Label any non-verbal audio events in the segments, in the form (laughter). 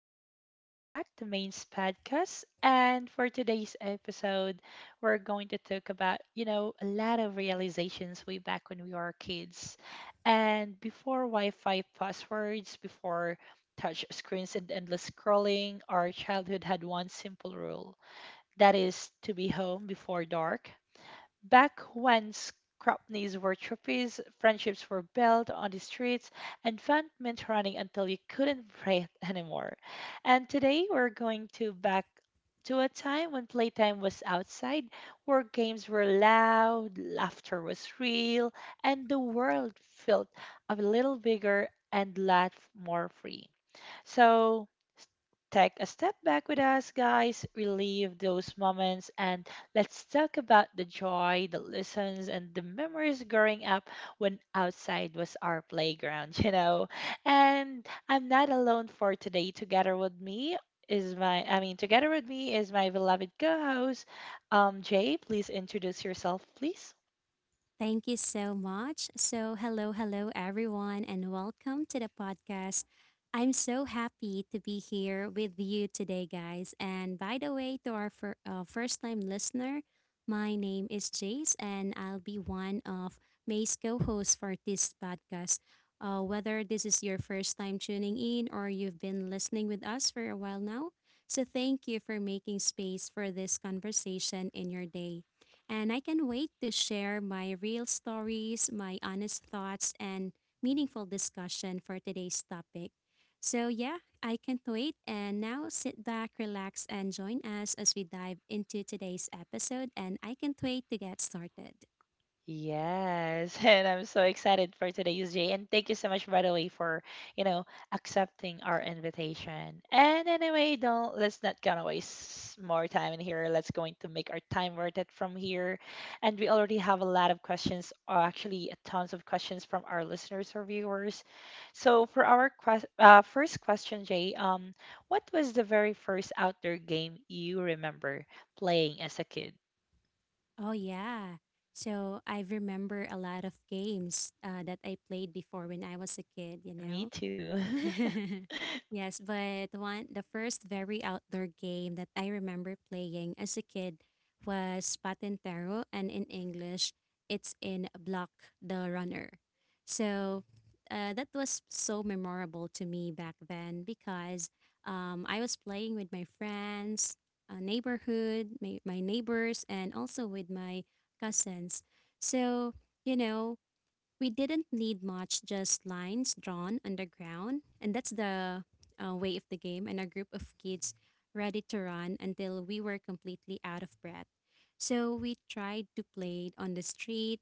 and welcome back to Main's podcast. And for today's episode, we're going to talk about, a lot of realizations way back when we were kids. And before Wi Fi passwords, before touch screens and endless scrolling, our childhood had one simple rule, that is to be home before dark. Back when scrapneys were trophies, friendships were built on the streets, and fun meant running until you couldn't (laughs) breathe anymore. And today we're going to back to a time when playtime was outside, where games were loud, laughter was real, and the world felt a little bigger and a lot more free. So s- take a step back with us, guys, relive those moments, and let's talk about the joy, the lessons, and the memories growing up when outside was our playground, (laughs) you know. And I'm not alone for today. Together with me is my I mean together with me is my beloved co-host, Jay, please introduce yourself, please. Thank you so much. So, hello, hello, everyone, and welcome to the podcast. I'm so happy to be here with you today, guys. And by the way, to our first time listener, my name is Jace, and I'll be one of May's co hosts for this podcast. Whether this is your first time tuning in or you've been listening with us for a while now, so thank you for making space for this conversation in your day, and I can wait to share my real stories, my honest thoughts, and meaningful discussion for today's topic. So, yeah, I can't wait. And now sit back, relax, and join us as we dive into today's episode. And I can't wait to get started. Yes, (laughs) and I'm so excited for today's day. And thank you so much, by the way, for you know accepting our invitation. And anyway, don't, let's not gonna waste more time in here. Let's going to make our time worth it from here. And we already have a lot of questions, or actually a tons of questions from our listeners or viewers. So for our first question, Jay, what was the very first outdoor game you remember playing as a kid? Oh, yeah. So, I remember a lot of games that I played before when I was a kid, Me too. (laughs) (laughs) Yes, but one the first very outdoor game that I remember playing as a kid was Patintero, and in English, it's in Block the Runner. So, that was so memorable to me back then because I was playing with my friends, neighborhood, my neighbors, and also with my cousins. So, you know, we didn't need much, just lines drawn underground, and that's the way of the game, and a group of kids ready to run until we were completely out of breath. So we tried to play it on the street,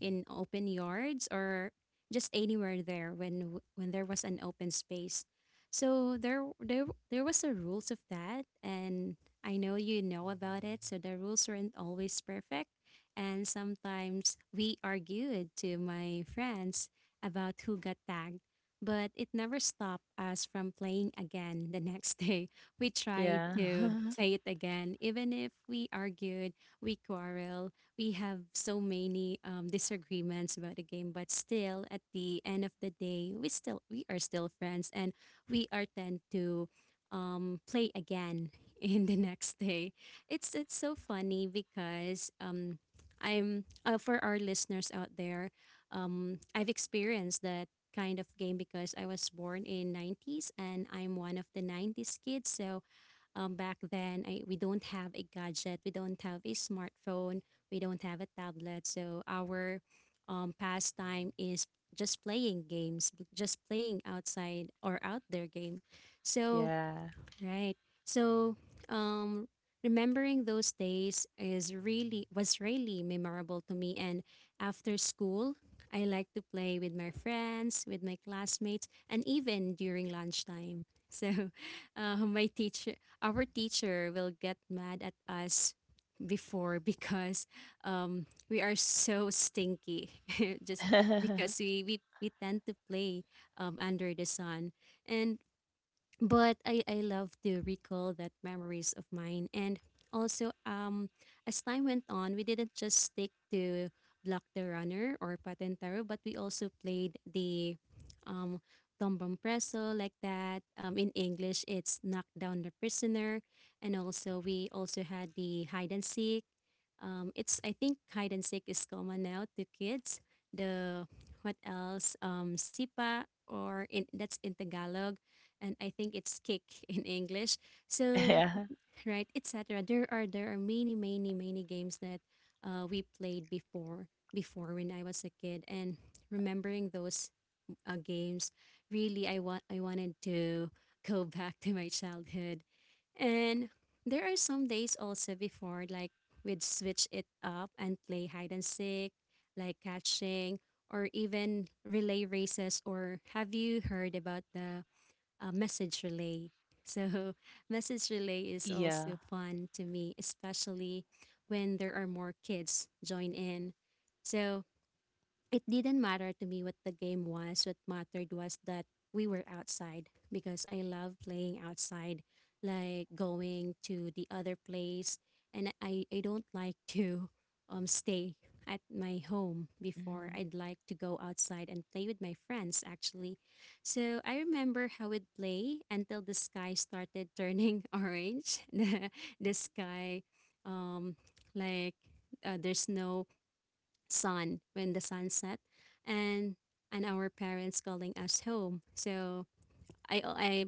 in open yards, or just anywhere there when there was an open space. So there was a rules of that, and I know you know about it, so the rules weren't always perfect and sometimes we argued to my friends about who got tagged, but it never stopped us from playing again the next day. (laughs) We tried to Yeah. (laughs) play it again even if we argued, we quarreled, we have so many disagreements about the game, but still, at the end of the day, we are still friends, and we are tend to play again (laughs) in the next day. It's so funny because I'm for our listeners out there, I've experienced that kind of game because I was born in 90s, and I'm one of the 90s kids. So back then we don't have a gadget, we don't have a smartphone, we don't have a tablet, so our pastime is just playing games, just playing outside or out there game. So Yeah. right. So, um, remembering those days is really was really memorable to me. And after school, I like to play with my friends, with my classmates, and even during lunchtime. So, (laughs) uh, my teacher, our teacher, will get mad at us before (laughs) because we are so stinky (laughs) just because (laughs) we tend to play under the sun, and but I love to recall that memories of mine. And also um, as time went on, we didn't just stick to block the runner or patentero, but we also played the um, tombang preso, like that, um, in english it's knock down the prisoner. And also we also had the hide and seek. Um, it's, I think hide and seek is common now to kids. The what else? Sipa, or in that's in Tagalog, and I think it's kick (laughs) in English. So Yeah. right, etc. There are many many many games that we played before when I was a kid, and remembering those games. Really, I wanted to (laughs) go back to my childhood, and there are some days also before like we'd switch it up and play hide and seek, like catching, or even relay races. Or have you heard about the message relay? So (laughs) message relay is also Yeah. fun to me, especially when there are more kids join in. So it didn't matter to me what the game was. What mattered was that we were outside, because I love playing outside, like going to the other place. And I don't like to (laughs) stay at my home before. I'd Mhm. like to go outside and play with my friends, actually. So I remember how we'd play until the sky started turning (laughs) orange. (laughs) The sky, um, like, there's no sun when the sun set, and and our parents calling us home. So I,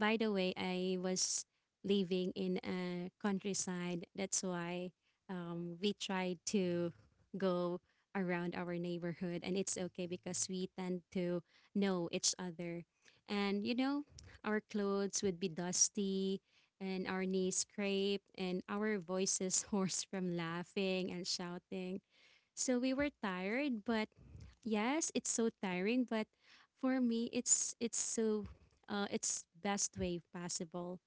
by the way, I was living in a countryside, that's why we tried to go around our neighborhood, and it's okay because we tend to know each other. And you know, our clothes would be dusty, and our knees scraped, and our voices (laughs) hoarse from laughing and shouting. So we were tired, but yes, it's so tiring, but for me it's so, it's best way possible.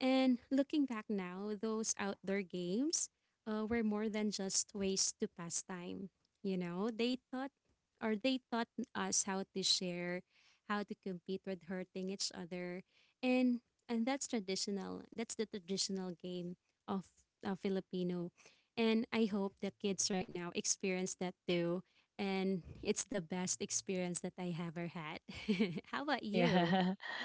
And looking back now, those outdoor games were more than just ways to pass time. You know, they thought or they taught us how to share, how to compete with hurting each other. And that's the traditional game of filipino, and I hope the kids right now experience that too. And it's the best experience that I ever had. (laughs) How about Yeah. you? (laughs)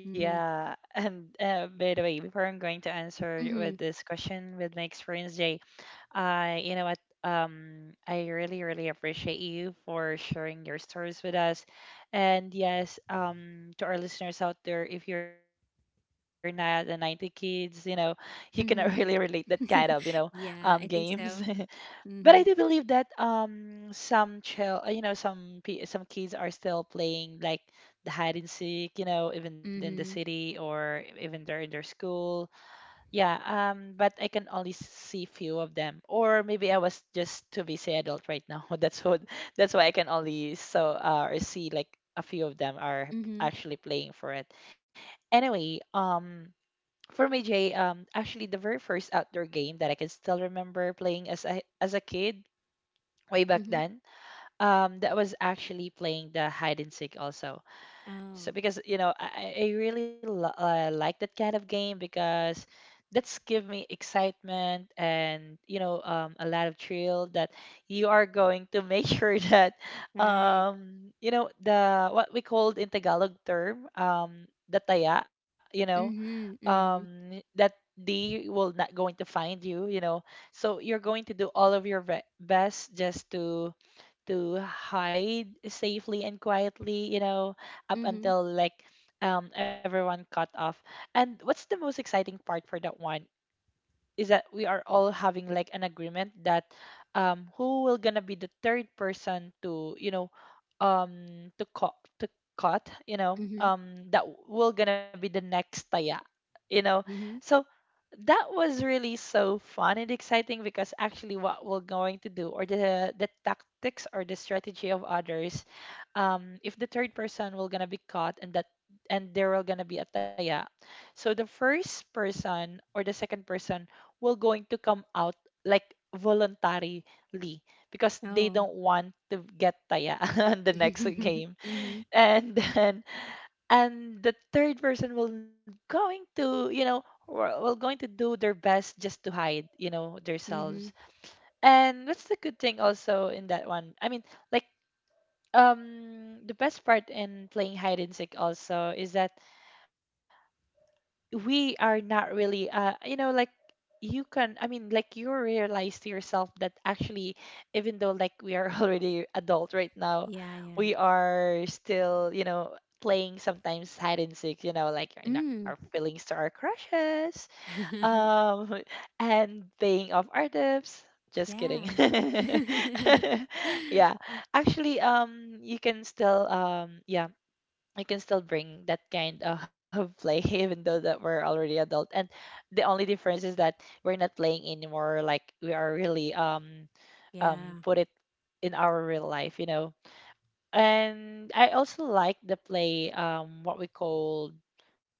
Mm-hmm. Yeah. And by the way, before I'm going to answer Mm-hmm. with this question with my experience, Jay, I, you know what? I really, really appreciate you for sharing your stories with us. And yes, to our listeners out there, if you're not the 90 kids, you know, you cannot (laughs) really relate that kind Mm-hmm. of, you know, (laughs) Yeah, I games. think (laughs) so. But I do Mm-hmm. believe that some you know, some some kids are still playing like the hide and seek, you know, even in the Mm-hmm. city or even they're in their school. Yeah, but I can only see few of them, or maybe I was just too busy adult right now. (laughs) That's why I can only so or see like a few of them are Mm-hmm. actually playing for it. Anyway. For me, Jay, actually, the very first outdoor game that I can still remember playing as a kid way back Mm-hmm. then, that was actually playing the hide and seek also. So Oh, because you know I really like that kind of game because that's give me excitement and you know, a lot of thrill that you are going to (laughs) make sure that, right. You know, the what we called in Tagalog term, the taya, you know, Mm-hmm. Mm-hmm. That they will not going to find you, you know. So you're going to do all of your best just to hide safely and quietly, you know, up Mm-hmm. until like, everyone cut off. And what's the most exciting part for that one is that we are all having like an agreement that, who will gonna be the third person to, you know, um, to cut, to cut, you know, Mm-hmm. That will gonna be the next taya, you know. Mm-hmm. So that was really so fun and exciting because actually what we're going to do or the tactics or the strategy of others, if the third person will gonna be caught and that, and there will gonna be a taya, so the first person or the second person will going to come out like voluntarily because they Oh. don't want to get taya (laughs) on the next (laughs) game. Mm-hmm. And then, and the third person will going to, you know, will going to do their best just to hide, you know, themselves. Mm-hmm. And that's the good thing also in that one, I mean, like, the best part in playing hide and seek also is that we are not really you know, like, you can, I mean, like, you realize to yourself that actually, even though like we are (laughs) already adult right now, Yeah, yeah. we are still, you know, playing sometimes hide and seek, you know, like in our Mm. feelings to our crushes, (laughs) um (laughs) and paying off our debts, just kidding. Yeah. (laughs) Yeah, actually, you can still, yeah, we can still bring that kind of (laughs) play even though that we're already adult. And the only difference is that we're not playing anymore, like we are really (laughs) Yeah. put it in our real life, you know. And I also like the play, what we call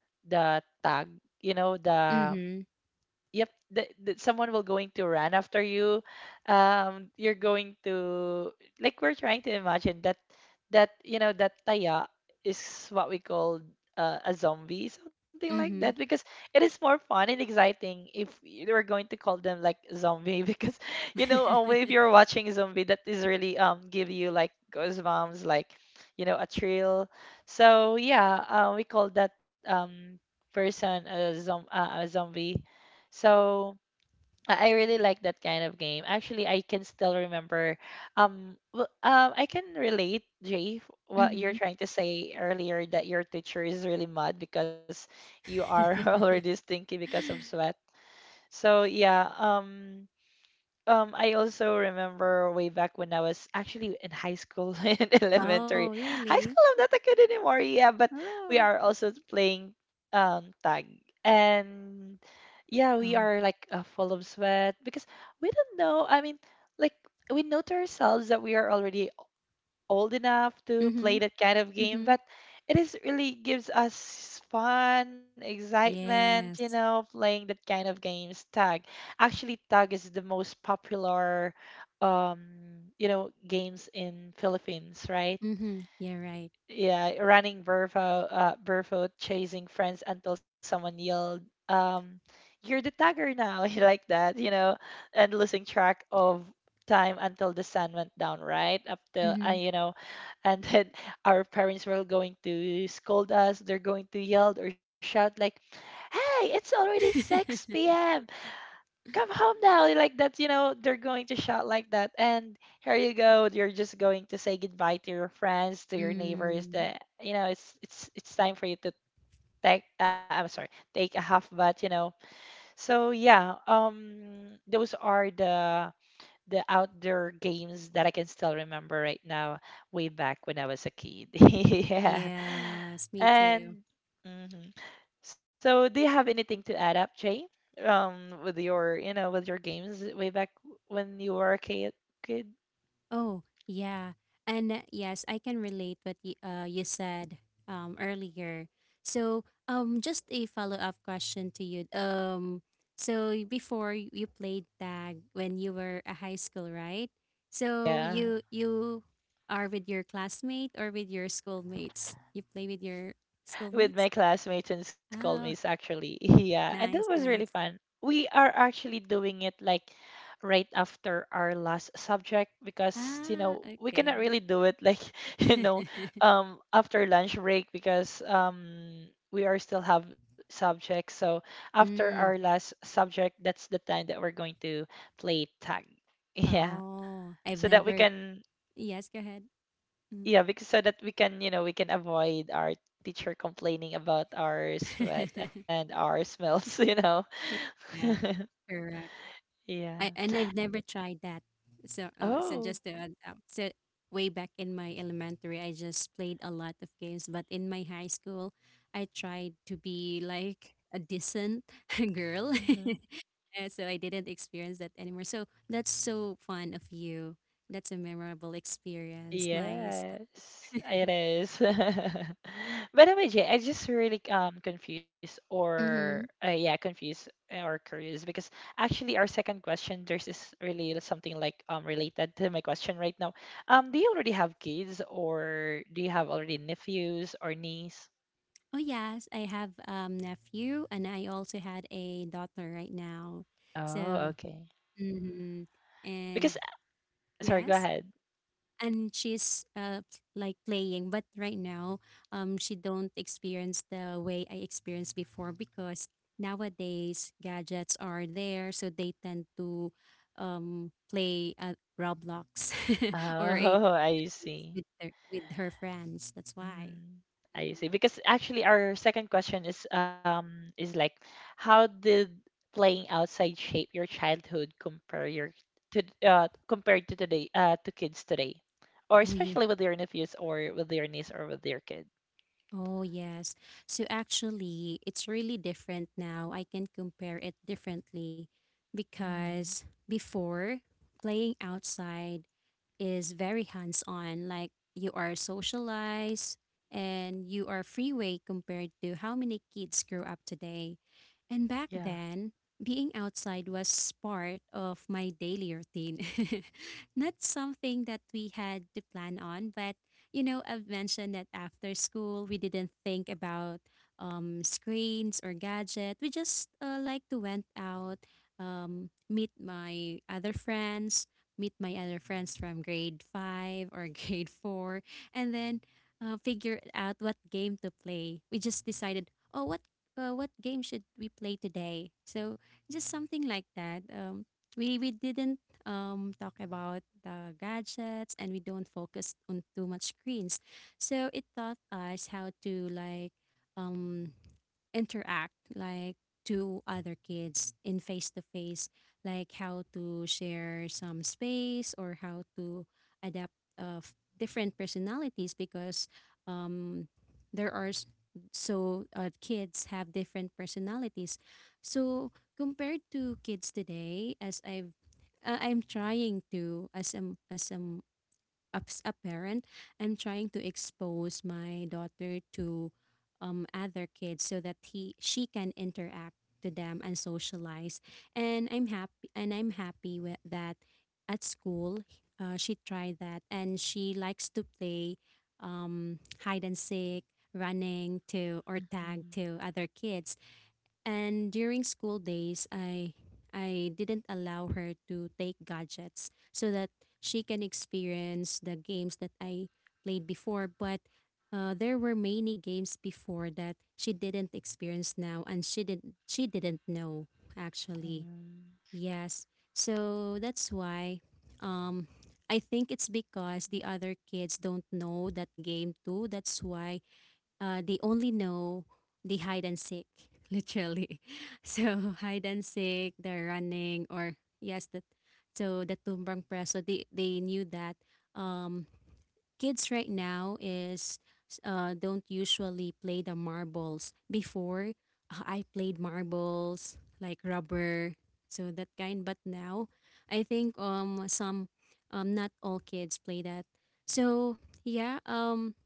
the tag, you know, the Mm-hmm. yep that, that someone will going to run after you. You're going to, like, we're trying to imagine that, that you know, that taya is what we call a zombie, something like Mm-hmm. that, because it is more fun and exciting if you were going to call them like zombie (laughs) because you know, (laughs) if you're watching zombie, that is really give you like goosebumps, like, you know, a thrill. So yeah, we call that, person a a zombie, so I, really like that kind of game. Actually, I can still remember. I can relate, Jay, what you're Mm-hmm. trying to say earlier that your teacher is really mad because you are (laughs) already stinky because of sweat. (laughs) So yeah. I also remember way back when I was actually in high school (laughs) and Oh, elementary. High really? school I'm not a kid anymore, yeah, but we Oh. are also playing tag. And yeah, we Oh. are like full of sweat because we don't know. I mean, like, we know to ourselves that we are already old enough to play Mm-hmm. that kind of game, Mm-hmm. but it is really gives us fun, excitement, you Yes. know, playing that kind of games. Tag. Actually, tag is the most popular, um, you know, games in Philippines, right? Mm-hmm. Yeah, right. Yeah, running barefoot, barefoot, chasing friends until someone yelled, um, "You're the tagger now!" (laughs) like that, you know, and losing track of time until the sun went down, right? Up till, Mm-hmm. you know, and then (laughs) our parents were going to scold us. They're going to yell or shout like, "Hey, it's already 6 (laughs) p.m, come home now," like that, you know, they're going to shout like that. And here you go, you're just going to say goodbye to your friends, to your neighbors, Mm. that you know it's it's time for you to take, I'm sorry, take a half bath, you know. So yeah, those are the outdoor games that I can still remember right now way back when I was a kid. (laughs) Yeah. Yes, me too. And mhm. So, do you have anything to add up, Jay? With your, you know, with your games way back when you were a kid? Oh, yeah. And yes, I can relate what you, you said earlier. So, just a follow-up question to you. So you played tag when you were a high school, right? So Yeah. You are with your classmate or with your schoolmates? You play with your With schoolmates? my classmates and schoolmates Oh, actually. (laughs) Yeah, and that nice, was really nice. fun. We are actually doing it like right after our last subject, because you Ah, know we cannot okay. really do it like (laughs) you know, (laughs) after lunch break because, we are still have subjects, so after our Mm. last subject, that's the time that we're going to play tag. (laughs) Yeah, Oh, I've so that we never. can, Yes, go ahead. Mm. yeah, because so that we can, you know, we can avoid our teacher complaining about our sweat (laughs) and our smells. (laughs) You know. Yeah, (laughs) correct. Yeah. I've never tried that. So, so Oh. just to add up, so way back in my elementary, I just played a lot of games. But in my high school, I tried to be like a decent (laughs) girl, Hmm. (laughs) and so I didn't experience that anymore. So that's so fun of you. That's a memorable experience. Nice. Yes it Nice. (laughs) is. (laughs) By the way, Jay, I just really confused or Mm-hmm. yeah, confused or curious, because actually our second question there's is really something like, related to my question right now. Do you already have kids, or do you have already nephews or niece? Oh yes, I have nephew, and I also had a daughter right now. Oh, So, okay. hmm, Because, and sorry, go yes, ahead. and she's like playing, but right now she don't experience the way I experienced before, because nowadays gadgets are there, so they tend to play Roblox (laughs) or a Oh, (laughs) I see. with their, with her friends. That's why. Mm, I see. Mm. Because actually our second question is, is like, how did playing outside shape your childhood compare your to compared to today, to kids today? Or Oh yeah. especially with your nephews or with your niece or with your kid. Oh, yes. So actually, it's really different now. I can compare it differently Mm, because before, playing outside is very hands on. Like you are socialized and you are freeway compared to how many kids grow up today. And back yeah. then, being outside was part of my daily routine. (laughs) Not something that we had to plan on, but you know, I've mentioned that after school, we didn't think about screens or gadget. We just like to went out, meet my other friends, meet my other friends from grade 5 or (laughs) grade 4, and then figure out what game to play. We just decided, oh, what game should we play today? So just something like that. We didn't talk about the gadgets, and we don't focus on too much screens. So it taught us how to like um, interact like to other kids in face to face, like how to share some space or how to adapt of different personalities, because um, there are s- so kids have different personalities. So compared to kids today, as I've I'm trying to as I'm as a parent, I'm trying to expose my daughter to other kids so that he she can interact to them and socialize. And I'm happy with that at school. She tried that, and she likes to play hide and seek, running to, or tag Mhm. to other kids. And during school days, I didn't allow her to take gadgets so that she can experience the games that I played before. But there were many games before that she didn't experience now, and she didn't know actually. Mm, Yes, so that's why. Um, I think it's because the other kids don't know that game too. That's why they only know the hide and seek, (laughs) literally. (laughs) So hide and seek, they're running, or yes, that. So the tumbrang preso, they knew that. Um, kids right now is don't usually play the marbles. Before I played marbles like rubber, so that kind. But now, I think um, some um, not all kids play that. So yeah um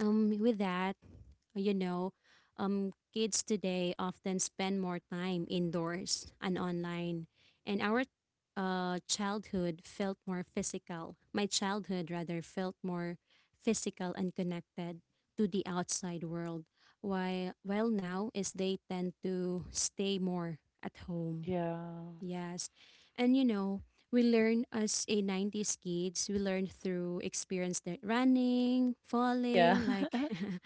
with that you know, kids today often spend more time indoors and online, and our childhood felt more physical. My childhood, rather, felt more physical and connected to the outside world. Why, well, now is they tend to stay more at home. yeah. Yes. And we learn as a 90s kids, we learn through experience that running, falling, Yeah. like (laughs) (laughs)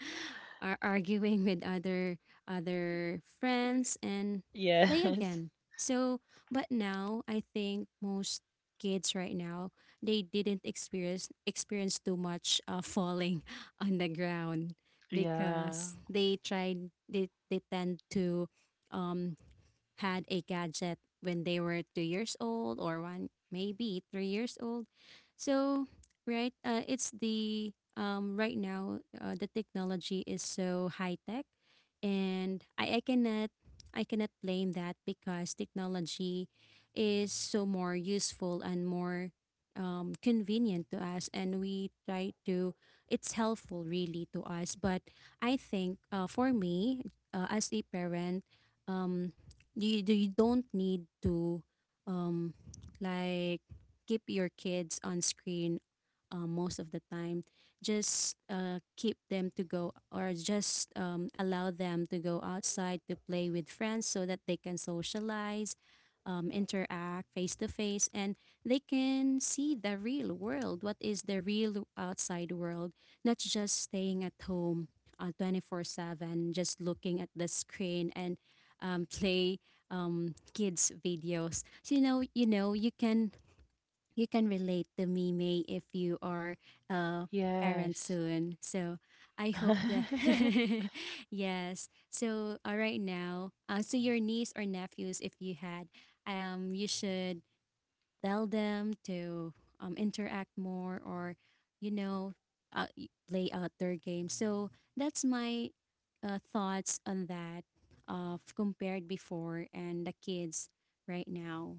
are arguing with other friends and play Yes. again. So, but now I think most kids right now they didn't experience too much falling (laughs) on the ground because Yeah. They tend to um had a gadget when they were 2 years old or one, maybe three years old. So, right, it's the right now the technology is so high tech, and I cannot blame that because technology is so more useful and more convenient to us and we try to it's helpful really to us but I think for me as a parent, um, you don't need to um like keep your kids on screen most of the time. Just keep them to go or just allow them to go outside to play with friends so that they can socialize, interact face to face, and they can see the real world, what is the real outside world, not just staying at home 24 7 just looking at the screen and (laughs) play kids videos. So, you know, you can relate to Mimi if you are a parent Yes. soon. So I hope that (laughs) (laughs) yes. So right now, so your niece or nephews, if you had, you should tell them to interact more or you know play out their game. So that's my thoughts on that, of compared before and the kids right now.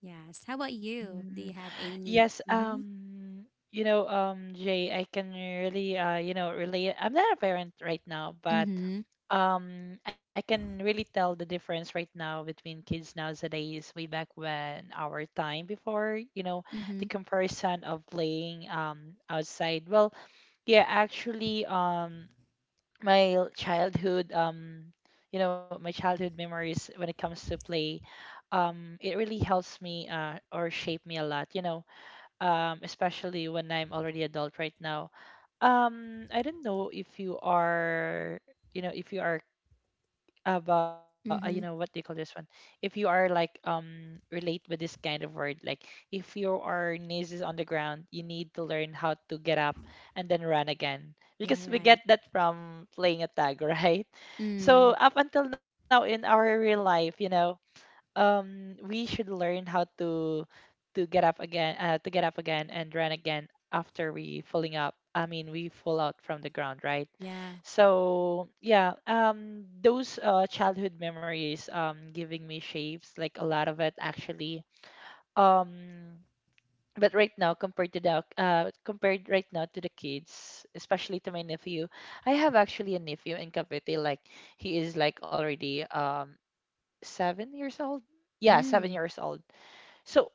Yes, how about you, do Mm, you have any? yes, Mm-hmm. You know, Jay, I can really, you know, relate. I'm not a parent right now, but, Mm-hmm. I can really tell the difference right now between kids nowadays, way back when our time before, you know, the Mm-hmm. comparison of playing outside. Well, yeah, actually. My childhood, you know, my childhood memories when it comes to play, it really helps me, or shape me a lot, you know. Especially when I'm already adult right now. I don't know if you are, you know, if you are about, you know what they call Mm-hmm. this one, if you are like, relate with this kind of word, like if you are knees is on the ground, you need to learn how to get up and then run again, Yeah, because we get right. that from playing a tag. (laughs) Right? So Mm. up until now in our real life, you know, we should learn how to get up again, to get up again and run again after we falling up. I mean, we fall out from the ground, right? Yeah. So yeah, those, childhood memories giving me shapes like a lot of it actually. um but right now, compared to the compared right now to the kids, especially to my nephew. I have actually a nephew in Cavite, like he is like already 7 years old. Yeah, seven Mm. years old. So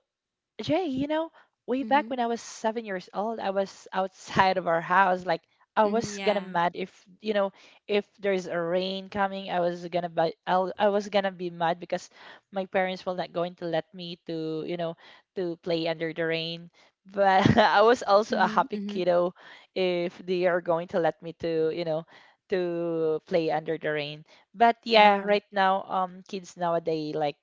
Jay, you know, way Mm-hmm. back when I was 7 years old, I was outside of our house. Like I Mm-hmm. was gonna Yeah. mad if, you know, if there's a rain coming, I was gonna be I was gonna be mad because my parents were not going to let me to, you know, to play under the rain. But (laughs) I was also a Mm-hmm. happy Mm-hmm. kiddo if they are going to let me to, you know, to play under the rain. But yeah, Oh, right now kids nowadays, like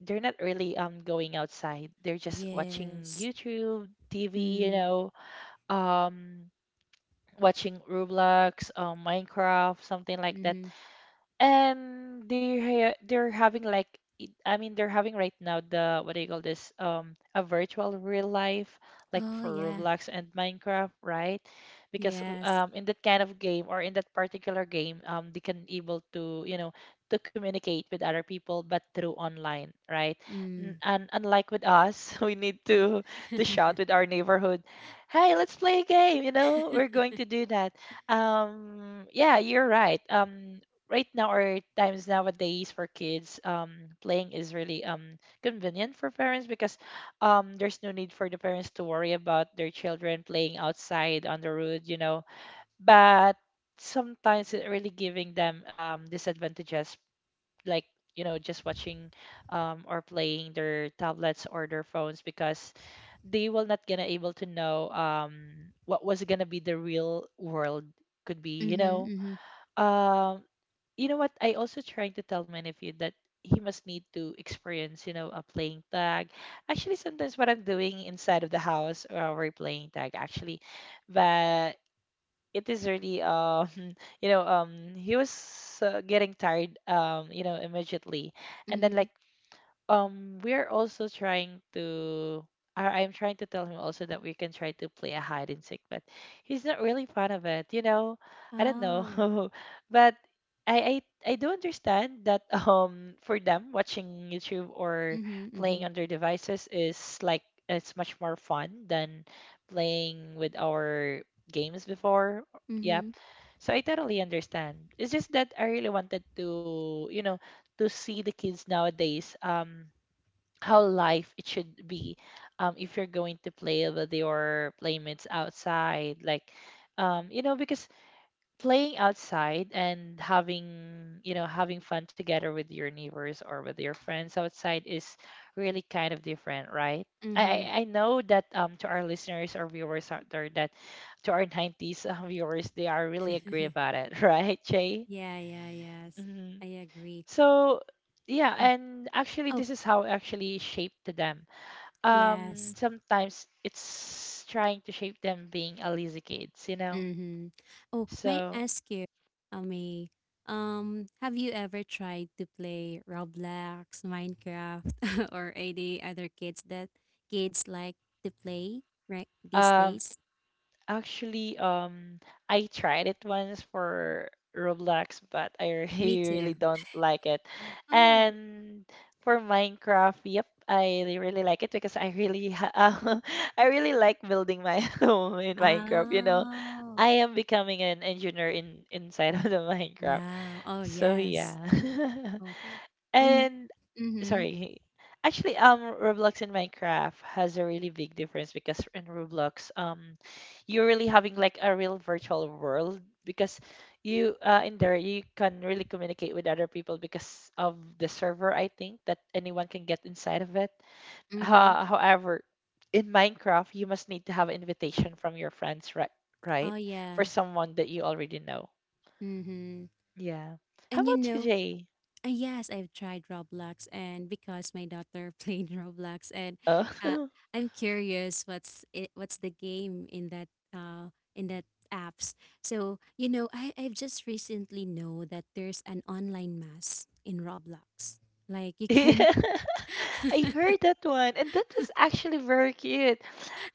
they're not really going outside. They're just watching yes. YouTube, TV, you Mm. know, um watching Roblox, Minecraft, something like that. Mm-hmm. And they're they're having like I mean they're having right now the what do you call this, a virtual real life, like Oh, for yeah. Roblox and Minecraft, right? Because Yes. In that kind of game, or in that particular game, they can able to, you know, to communicate with other people but through online, right? Mm. And unlike with us, (laughs) we need to shout with (laughs) our neighborhood, hey, let's play a game, you know, we're going to do that. Yeah, you're right. Right now, or times nowadays for kids, playing is really convenient for parents because there's no need for the parents to worry about their children playing outside on the road, you know. But sometimes it really giving them disadvantages, like, you know, just watching or playing their tablets or their phones, because they will not gonna able to know what was gonna be the real world could be, you Mhm, know. mhm, um you know what? I also trying to tell many of you that he must need to experience, you know, a playing tag. Actually, sometimes what I'm doing inside of the house, we're playing tag actually, but it is really (laughs) you know, he was, getting tired, you know, immediately. And then, like, mhm. We're also trying to I'm trying to tell him also that we can try to play a hide and seek, but he's not really fond of it, you know. I don't know. Oh. (laughs) But I do understand that (laughs) for them watching YouTube or Mhm, playing mhm. on their devices is like it's much more fun than playing with our games before. Yeah. Mhm, So I totally understand. It's just that I really wanted to, you know, to see the kids nowadays. How life it should be if you're going to play with your playmates outside, like, you know, because playing outside and having, you know, having fun together with your neighbors or with your friends outside is really kind of different, right? I, mhm. I I know that, to our listeners or viewers out there, that to our 90s, viewers, they are really agree (laughs) about it. (laughs) Right, Jay? Yeah, yeah, yes. I Hmm. agree. So yeah, Mm. and actually Oh, this is how actually shaped them. Yes. Sometimes it's trying to shape them being a lazy kids, you know. Mm-hmm. Oh, may So I ask you, Ami, have you ever tried to play Roblox, Minecraft, (laughs) or any other kids that kids like to play right these um days? actually, I tried it once for Roblox, but I (laughs) Me really really too. don't like it. Oh. And for Minecraft, yep, I really like it because I really (laughs) I really like building my (laughs) home in Minecraft, you know. Oh. I am becoming an engineer in inside (laughs) of the Minecraft. Wow. Oh, So yes. yeah, Oh, (laughs) and and mm-hmm. sorry. Actually, Roblox and Minecraft has a really big difference because in Roblox, you're really having like a real virtual world because you, in there you can really communicate with other people because of the server. I think that anyone can get inside of it. Mm-hmm. However, in Minecraft, you must need to have invitation from your friends, right? Right, Oh, for yeah. someone that you already know. Mm-hmm. Yeah. How And you about you, know, Jay? Yes, I've tried Roblox, and because my daughter (laughs) played Roblox, and (laughs) uh, Oh. I'm curious what's it, what's the game in uh that apps. So you know, I've just recently know that there's an online mass in Roblox. Like you (laughs) can, I heard that one, and that was actually very cute.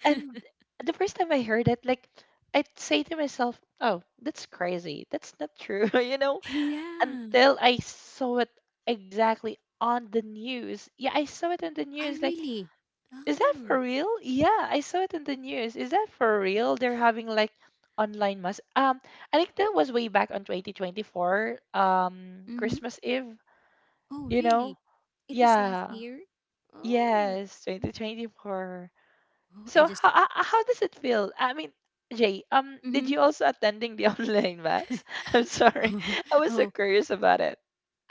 And the first time I heard it, like I'd say to myself, "Oh, that's crazy. That's not true," (laughs) you know. (laughs) yeah. Until I saw it exactly on the news. Yeah, I saw it on the I news. Like, really. is that for Ah. real? Yeah, I saw it on the news. Is that for real? They're having like online mass. I think that was way back on 2024, Mm-hmm. Christmas Eve. Oh, You know. really? It was last Yeah. year? Oh. Yes, 2024. Oh, I So how just how how does it feel? I mean, Jay, did mm-hmm. you also attending the (laughs) online mass? (laughs) I'm sorry, (laughs) I was so Oh, curious about it.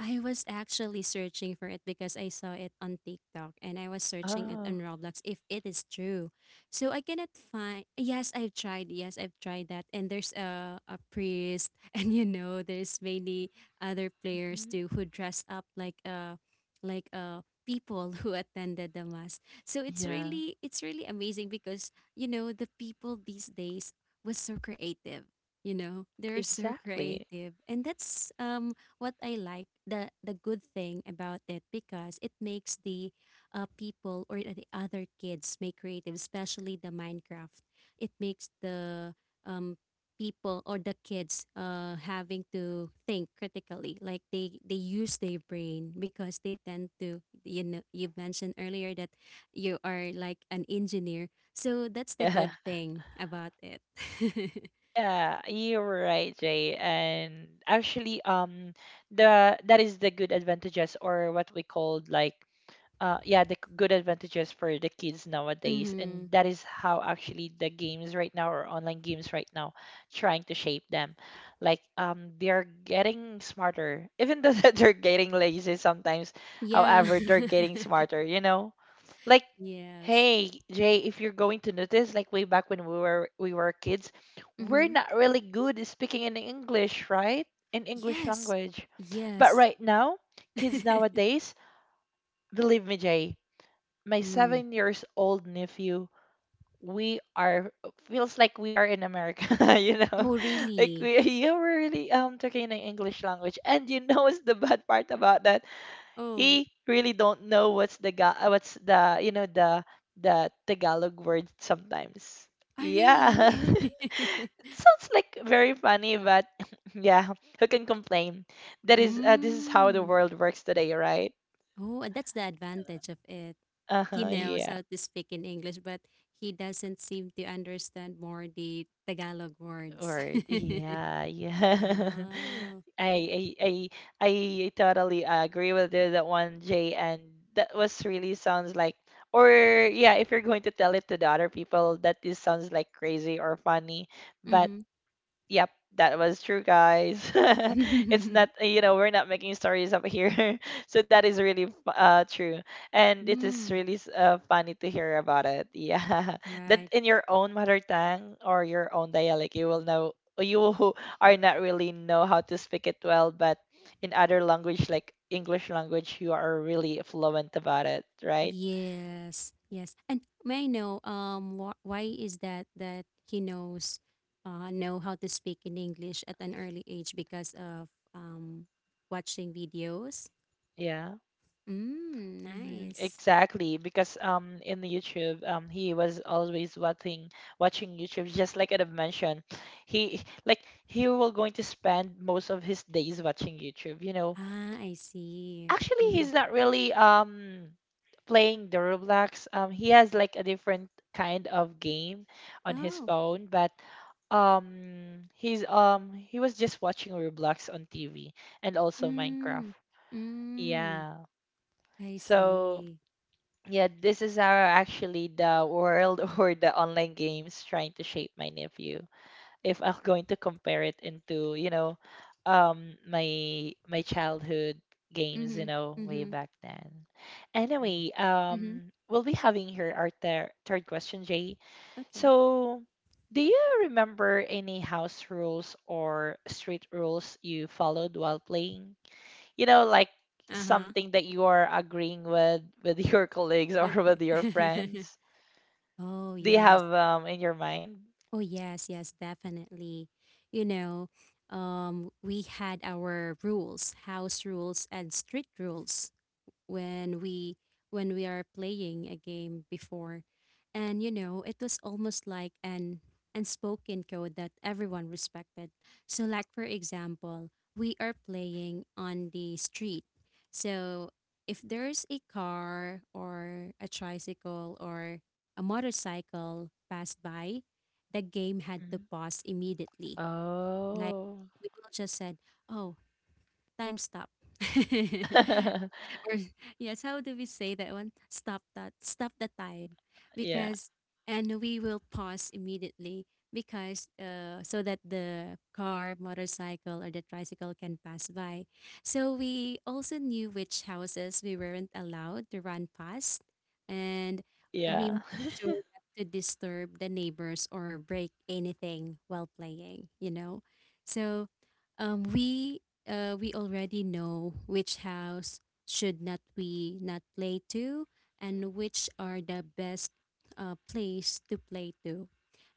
I was actually searching for it because I saw it on TikTok and I was searching it Oh, on Roblox if it is true. So I cannot find, yes, I've tried that. And there's a priest (laughs) and you know, there's many other players mhm, too who dressed up like people (laughs) who attended the mass. So it's yeah, really, it's really amazing because you know the people these days was so creative. You know, they're so exactly. creative. And that's what I like the good thing about it because it makes the people or the other kids make creative, especially the Minecraft. It makes the um people or the kids having to think critically like they use their brain because they tend to, you know, you mentioned earlier that you are like an engineer, so that's the Yeah, good thing about it. (laughs) yeah, you're right, Jay. And actually, the that is the good advantages or what we called like, yeah, the good advantages for the kids nowadays, and Mm-hmm. that is how actually the games right now or online games right now trying to shape them. Like, they're getting smarter, (laughs) even though that they're getting lazy sometimes. Yeah. However, they're getting smarter. You know, like (laughs) Yes. hey Jay, if you're going to notice, like way back when we were kids, we're Mm-hmm. not really good at speaking in English, right? In English Yes. language, but Yes. right now, (laughs) kids nowadays, believe me, Jay, my Mm. 7 years old nephew, we are feels like we are in America. (laughs) You know, Oh, (laughs) like really? we you were really talking in English language. And you know what's the bad part about that? Oh, He really don't know what's the what's the, you know, the Tagalog word sometimes. ah, Yeah, really? (laughs) (laughs) it sounds like very funny, but (laughs) yeah, who can complain? That is, this is how the Mm. world works today, right? Oh, that's the advantage of it. He Uh-huh, knows yeah. how to speak in English, but he doesn't seem to understand more the Tagalog words. Or (laughs) yeah, yeah. Oh. (laughs) I I I totally agree with you that one, Jay, and that was really sounds like, or yeah, if you're going to tell it to the other people, that this sounds like crazy or funny, but Mm-hmm. yep, that was true, guys. (laughs) It's not, you know, we're not making stories up here. (laughs) So that is really true, and (laughs) it is Mm. really funny to hear about it. Yeah, (laughs) that Right. in your own mother tongue or your own dialect, you will know you (laughs) who are not really know how to speak it well, but in other language like English language, you are really fluent about it, right? Yes, yes. And may I know why is that that he knows know how to speak in English at an early age because of um watching videos? Yeah. Mm, Hmm, nice. exactly, because in the YouTube he was always watching watching YouTube, just like I've mentioned. He like he will going to spend most of his days watching YouTube, you know. Ah, I see. Actually, Mm-hmm. he's not really playing the Roblox. He has like a different kind of game on his Oh. phone, but he's he was just watching Roblox on TV and also Minecraft. Mm. Mm. Yeah. I So. see. Yeah, this is our actually the world (laughs) or the online games trying to shape my nephew. If I'm going to compare it into, you know, my my childhood games, Mm-hmm. you know, way Mm-hmm. back then. Oh. Anyway, Mm-hmm. We'll be having here our third question, Jay. Okay. So, do you remember any house rules or street rules you followed while playing? You know, like Uh-huh. something that you are agreeing with (laughs) your colleagues or with Okay. your friends? (laughs) Oh, Do you yes. have in your mind? Oh yes, yes, definitely. You know, we had our rules, house rules and street rules when we when we are playing a game before. And you know, it was almost like an unspoken code that everyone respected. So like for example, we are playing on the street. So if there's a car or a tricycle or a motorcycle passed by, the game had to Mhm. pause immediately. Like Oh. we will just said, "Oh, time stop." (laughs) (laughs) (laughs) or yes, how do we say that one? Stop that, stop the time, Yeah. because and we will pause immediately because so that the car, motorcycle, or the tricycle can pass by. So we also knew which houses we weren't allowed to run past, and and we Yeah. made (laughs) sure not to disturb the neighbors or break anything while playing. You know, so um, we we already know which house should not we not play to, and which are the best place to play to,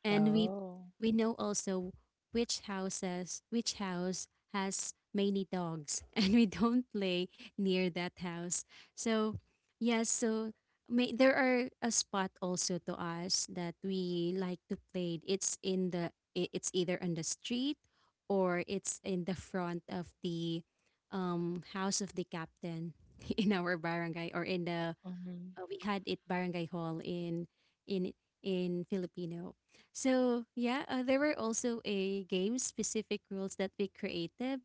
and we Oh. we know also which house has many dogs (laughs) and we don't play near that house. So yes, so may, there are a spot also to us that we like to play, it's in the it's either on the street or it's in the front of the house of the captain (laughs) in our barangay, or in the Mhm. We had it barangay hall in in in Filipino. So yeah, there were also a game specific rules that we created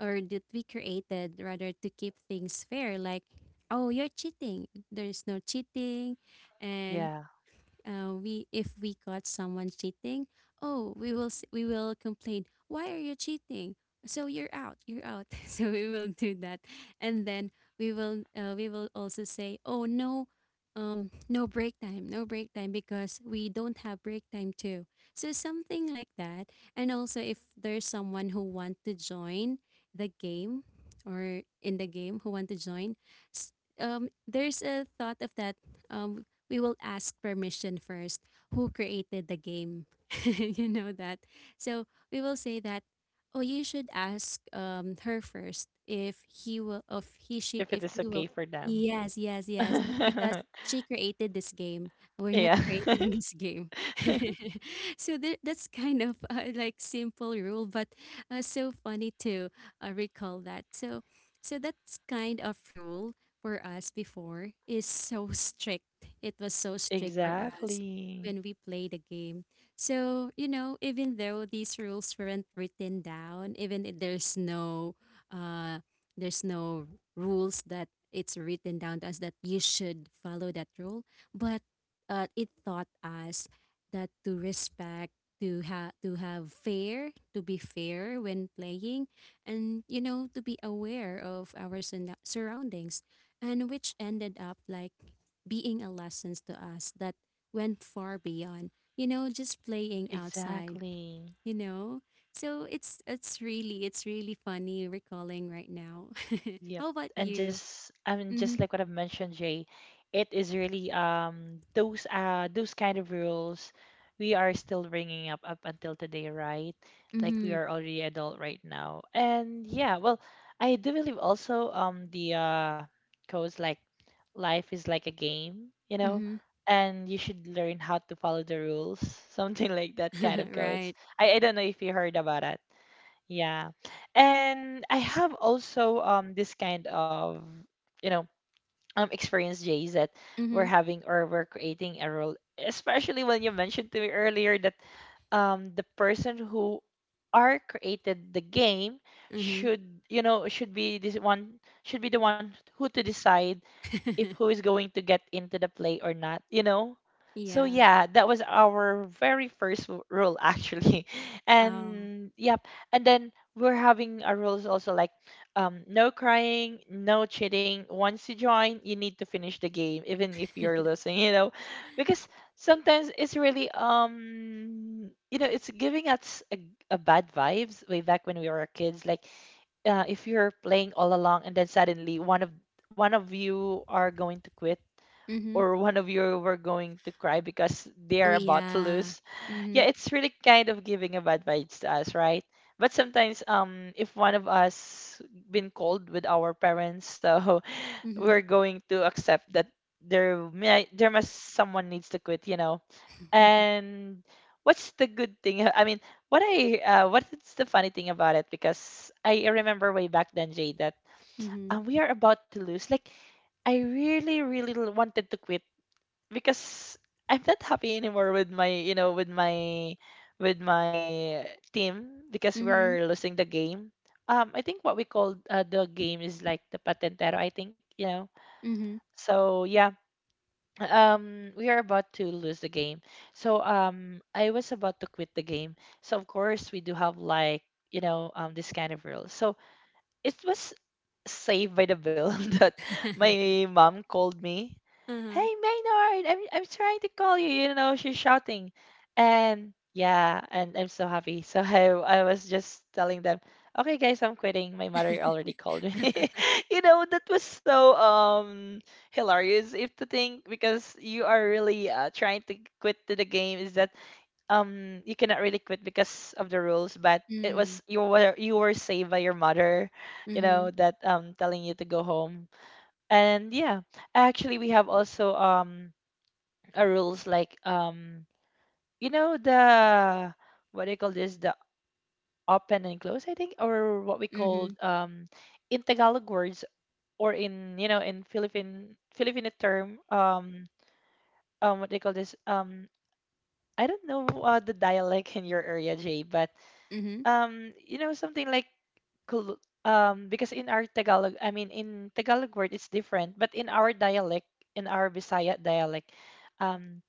or that we created rather to keep things fair. Like, oh, you're cheating. There's no cheating, and Yeah. We if we caught someone cheating, oh, we will complain. Why are you cheating? So you're out, you're out. (laughs) So we will do that, and then we will also say, oh no, no break time, no break time because we don't have break time too. So something like that, and also if there's someone who want to join the game, or in the game who want to join, s- there's a thought of that. Um, we will ask permission first who created the game. (laughs) You know that. So we will say that, oh, you should ask her first, if he will if he she If it if is she okay will. for them. Yes, yes, yes, because (laughs) she created this game, we're not Yeah. (laughs) creating this game. (laughs) (laughs) So that's kind of like simple rule, but so funny to recall that. So so that's kind of rule for us before is so (laughs) strict. It was so strict for us Exactly. when we play the game. So, you know, even though these rules weren't written down, even if there's uh no rules that it's written down to us that you should follow that rule, but it taught us that to respect, to have fair to be fair when playing, and you know to be aware of our surroundings, and which ended up like being a lesson to us that went far beyond, you know, just playing outside, Exactly. you know. So it's really, it's really funny recalling right now. (laughs) Yep. How about And you? just I mean Mm-hmm. just like what I've mentioned, Jay, it is really those kind of rules we are still bringing up up until today, right? Like we Mm-hmm. are already adult right now. And yeah, well, I do believe also the codes like life is like a game, you know, Mm-hmm. and you should learn how to follow the rules, (laughs) something like that kind of codes. (laughs) Right. I don't know if you heard about it. Yeah. And I have also this kind of, you know, experience, Jays, that we're Mm-hmm. having or we're creating a role, especially when you mentioned to me earlier that the person who are created the game Mm-hmm. should, you know, should be the one who to decide if who is (laughs) going to get into the play or not, you know? So Yeah. yeah, that was our very first rule actually. (laughs) Oh. And yep, and then we're having our rules also like no crying, no cheating. Once you join, you need to finish the game even if you're (laughs) losing, (laughs) you know? Because sometimes it's really you know, it's giving us a bad vibes way back when we were kids like if you're playing all along and then suddenly one of you are going to quit Mm-hmm. or one of you were going to cry because they Oh, are about to yeah. lose. Mm-hmm. Yeah, it's really kind of giving a bad vibes to us, right? But sometimes if one of us been called with our parents, (laughs) so we're Mm-hmm. going to accept that there must someone needs to quit, you know. (laughs) And what's the good thing? I mean, what's the funny thing about it? Because I remember way back then, Jay, that Mm-hmm. We are about to lose. Like I really, wanted to quit because I'm not happy anymore with my, you know, with my with my team because we Mm-hmm. are losing the game. I think what we called the game is like the patentero. I think you know. Mm-hmm. So yeah, we are about to lose the game. So I was about to quit the game. So of course we do have like this kind of rules. So it was saved by the bell. (laughs) That my (laughs) mom called me. Hey Uh-huh. Maynard, I'm trying to call you. You know, she's shouting, and yeah, and I'm so happy. (laughs) So I was just telling them, okay guys, I'm quitting. My mother already called me. (laughs) (laughs) You know, that was so hilarious if to think because you are really trying to quit to the game is that you cannot really quit because of the rules, but it was Mm. You were saved by your mother, you know, Mhm. that telling you to go home. And yeah, actually we have also a rules like you know the what do you call this, the open and close I think, or what we called Mhm. In Tagalog words, or in, you know, in Philippine Filipino term. Um, what do you call this? I don't know. The dialect in your area, Jay, but Mhm. You know something like because in our Tagalog, I mean in Tagalog word it's different, but in our dialect, in our Bisaya dialect, um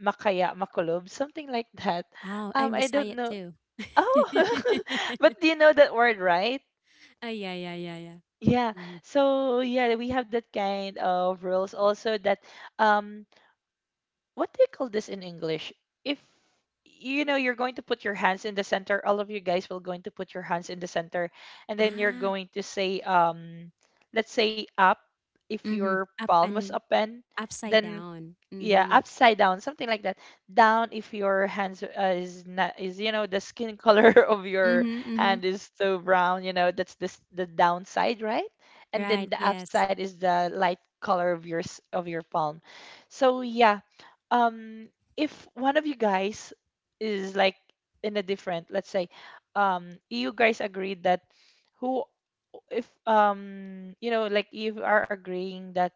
makaya makulob, something like (laughs) that. Oh, I'm I don't Bisayat know. too. Oh, (laughs) (laughs) but do you know that word, right? Oh, yeah, yeah, yeah, yeah. Yeah. Mhm. So yeah, we have that kind of rules also that um what do you call this in English? If you know, you're going to put your hands in the center, all of you guys will going to put your hands in the center, and then you're Ah, going to say, let's say up. If your Mhm. Up palm was up, and and upside then down. yeah, Mhm. upside down, something like that. Down if your hands is not is you know, the skin color (laughs) of your Mhm, hand mhm. is too brown, you know, that's this the downside, right? And then Right, the yes. upside is the light color of your of your palm. So yeah, um if one of you guys is like in a different, let's say, you guys agreed that who, if you know, like you are agreeing that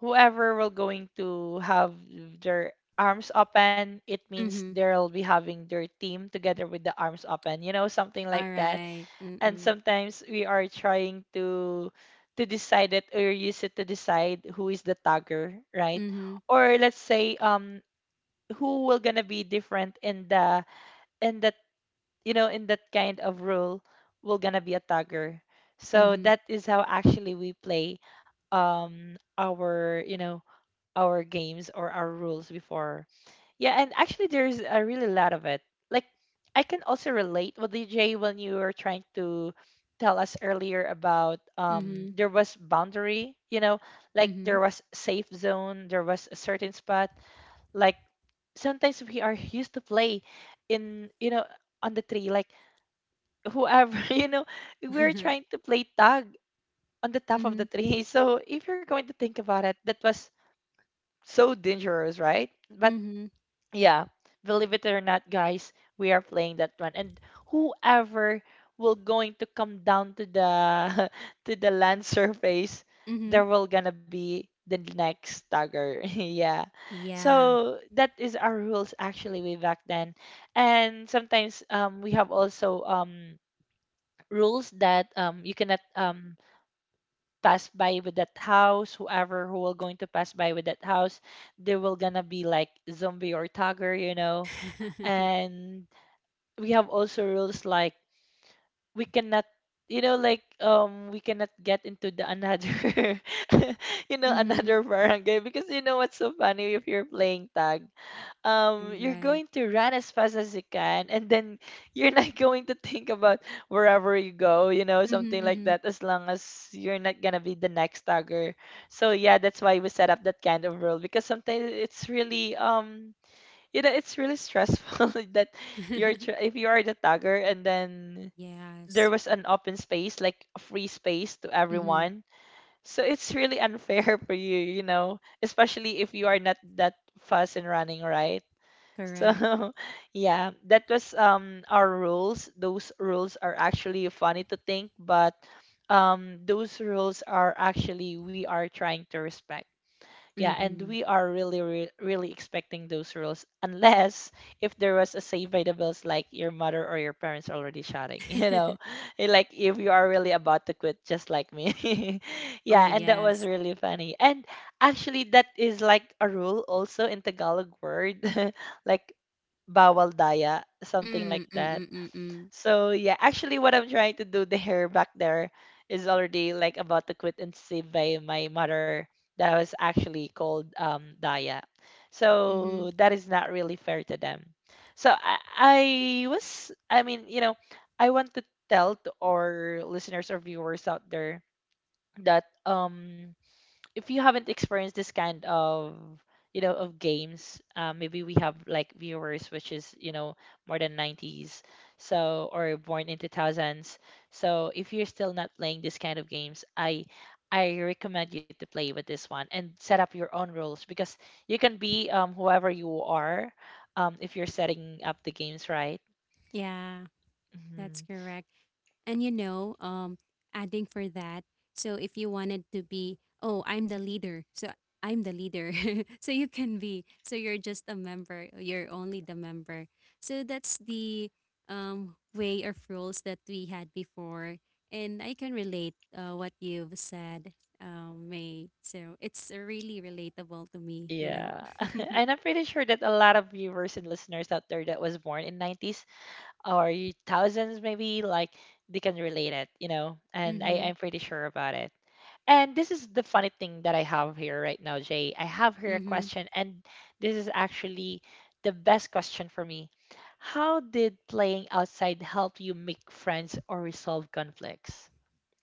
whoever will going to have their arms open, it means Mhm. they'll be having their team together with the arms open, you know, something like All that. right. And Mm-mm. sometimes we are trying to decide it, or use it to decide who is the tagger, right? Mhm. Or let's say who will gonna be different in the in the you know, in that kind of role, are gonna be a tagger. So Mhm. that is how actually we play our, you know, our games or our rules before. Yeah, and actually there's a really lot of it. Like I can also relate with DJ when you were trying to tell us earlier about there was boundary, you know, like Mhm. there was safe zone, there was a certain spot. Like sometimes we are used to play in, you know, on the tree, like whoever, (laughs) you know, we're Mhm. trying to play tag on the top of the Mhm. tree. So if you're going to think about it, that was so dangerous, right? But Mhm. yeah, believe it or not, guys, we are playing that one. And whoever will going to come down to the (laughs) to the land surface, Mhm. there (laughs) will gonna be the next tagger. (laughs) Yeah. Yeah. So that is our rules actually way back then. And sometimes we have also rules that you cannot pass by with that house. Whoever who will going to pass by with that house, they will gonna be like zombie or tiger, you know. (laughs) And we have also rules like we cannot, you know, like we cannot get into the another (laughs) you know, Mhm. another barangay, because you know what's so funny if you're playing tag, All you're right. going to run as fast as you can, and then you're not (laughs) going to think about wherever you go, you know, something like Mhm. that, as long as you're not going to be the next tagger. So yeah, that's why we set up that kind of rule, because sometimes it's really you know, it's really stressful (laughs) that Mhm. (laughs) If you are the tagger, and then there Yes. was an open space like a free space to Mhm. everyone, so it's really unfair (laughs) for you, you know, especially if you are not that fast in running, right? So Correct. (laughs) yeah, that was our rules. Those rules are actually funny to think, but those rules are actually we are trying to respect. Yeah, and we Mhm. are really, really expecting those rules, unless if there was a save by the bells, like your mother or your parents already shouting, (laughs) you know, (laughs) eh, like if you are really about to quit, just like me. (laughs) Oh, Yeah, and that yes. was really funny. And actually, that is like a rule also in Tagalog word, (laughs) like bawal daya, something Mm, like mm, that. mm, mm, mm. So yeah, actually what I'm trying to do the hair back there is already like about to quit and save by my mother, that I was actually called Daya. Mm-hmm. So that is not really fair to them. So I was, I mean, you know, I want to tell to our listeners or viewers out there that if you haven't experienced this kind of, you know, of games, maybe we have like viewers which is, you know, more than 90s, so or born in 2000s. So if you're still not playing this kind of games, I recommend you to play with this one and set up your own rules, because you can be whoever you are, if you're setting up the games, right? Yeah, that's Mhm. correct. And you know, adding for that, so if you wanted to be, oh, I'm the leader, so I'm the leader, (laughs) so you can be, so you're just a member, you're only the member. So that's the way of rules that we had before, and I can relate what you've said, May. So it's really relatable to me, you know. Yeah. (laughs) (laughs) And I'm pretty sure that a lot of viewers and listeners out there that was born in 90s or thousands maybe, like they can relate it, you know. And Mm-hmm. I'm pretty sure about it. And this is the funny thing that I have here right now, Jay. I have here a Mm-hmm. question, and this is actually the best question for me. How did playing outside help you make friends or resolve conflicts?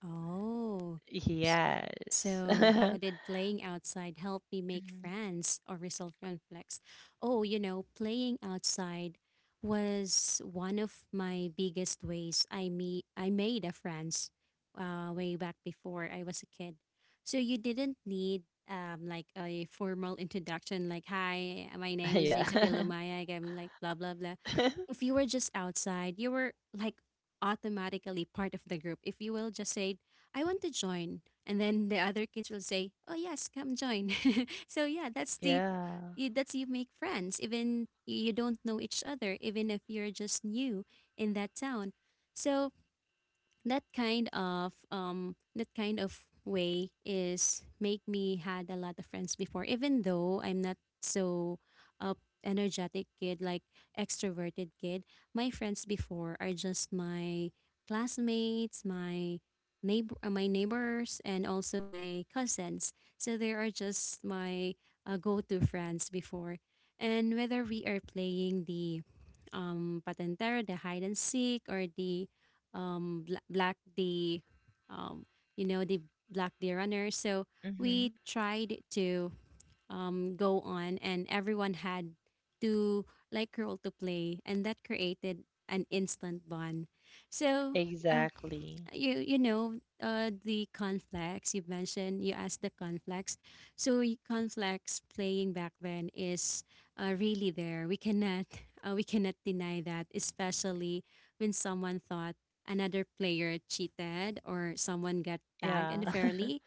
Oh, s- Yes. (laughs) so how did playing outside help me make Mhm. friends or resolve conflicts? Oh, you know, playing outside was one of my biggest ways I made a friends way back before I was a kid. So you didn't need a formal introduction like, hi, my (laughs) name is Jezabel Yeah. Lumayag. I'm like blah blah blah. If (laughs) you were just outside, you were like automatically part of the group. If you will just say, I want to join, and then the other kids will say, "Oh yes, come join." (laughs) So yeah, that's the Yeah. you, that's you make friends even you don't know each other, even if you're just new in that town. So that kind of way is make me had a lot of friends before, even though I'm not so uh, energetic kid, like extroverted kid. My friends before are just my classmates, my neighbor my neighbors, and also my cousins. So they are just my go-to friends before. And whether we are playing the patentero, the hide and seek, or the black the um you know they black the runner, so we Hmm. tried to go on, and everyone had to, like, role to play, and that created an instant bond. So uh, Exactly. The conflicts you mentioned, you asked the conflicts. So conflicts playing back then is really there. We cannot (laughs) we cannot deny that, especially when someone thought another player cheated or someone got tagged Yeah. unfairly.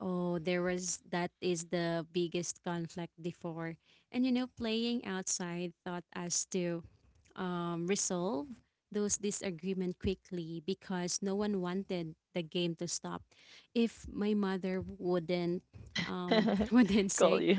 Oh, there was that is the biggest conflict before. And you know, playing outside taught us to resolve those disagreement quickly because no one wanted the game to stop. If my mother wouldn't (laughs) (laughs) wouldn't Call say, you.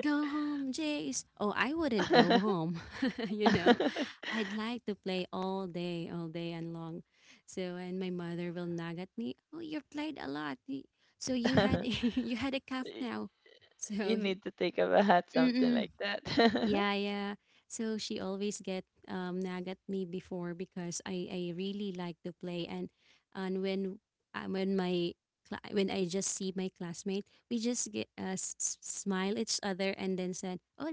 "Go home, Jace," oh, I wouldn't go (laughs) home. (laughs) you know, (laughs) I'd like to play all day and long. So, and my mother will nag at me, "Oh, you've played a lot. So you had (laughs) you had a calf Y- now." So you he. need to take a bath, something Mm-mm. like that. Yeah, yeah. So she always get nag at me before because I really like to play. And and when uh, when my cla- when I just see my classmate, we just get smile each other, and then said, "Oh,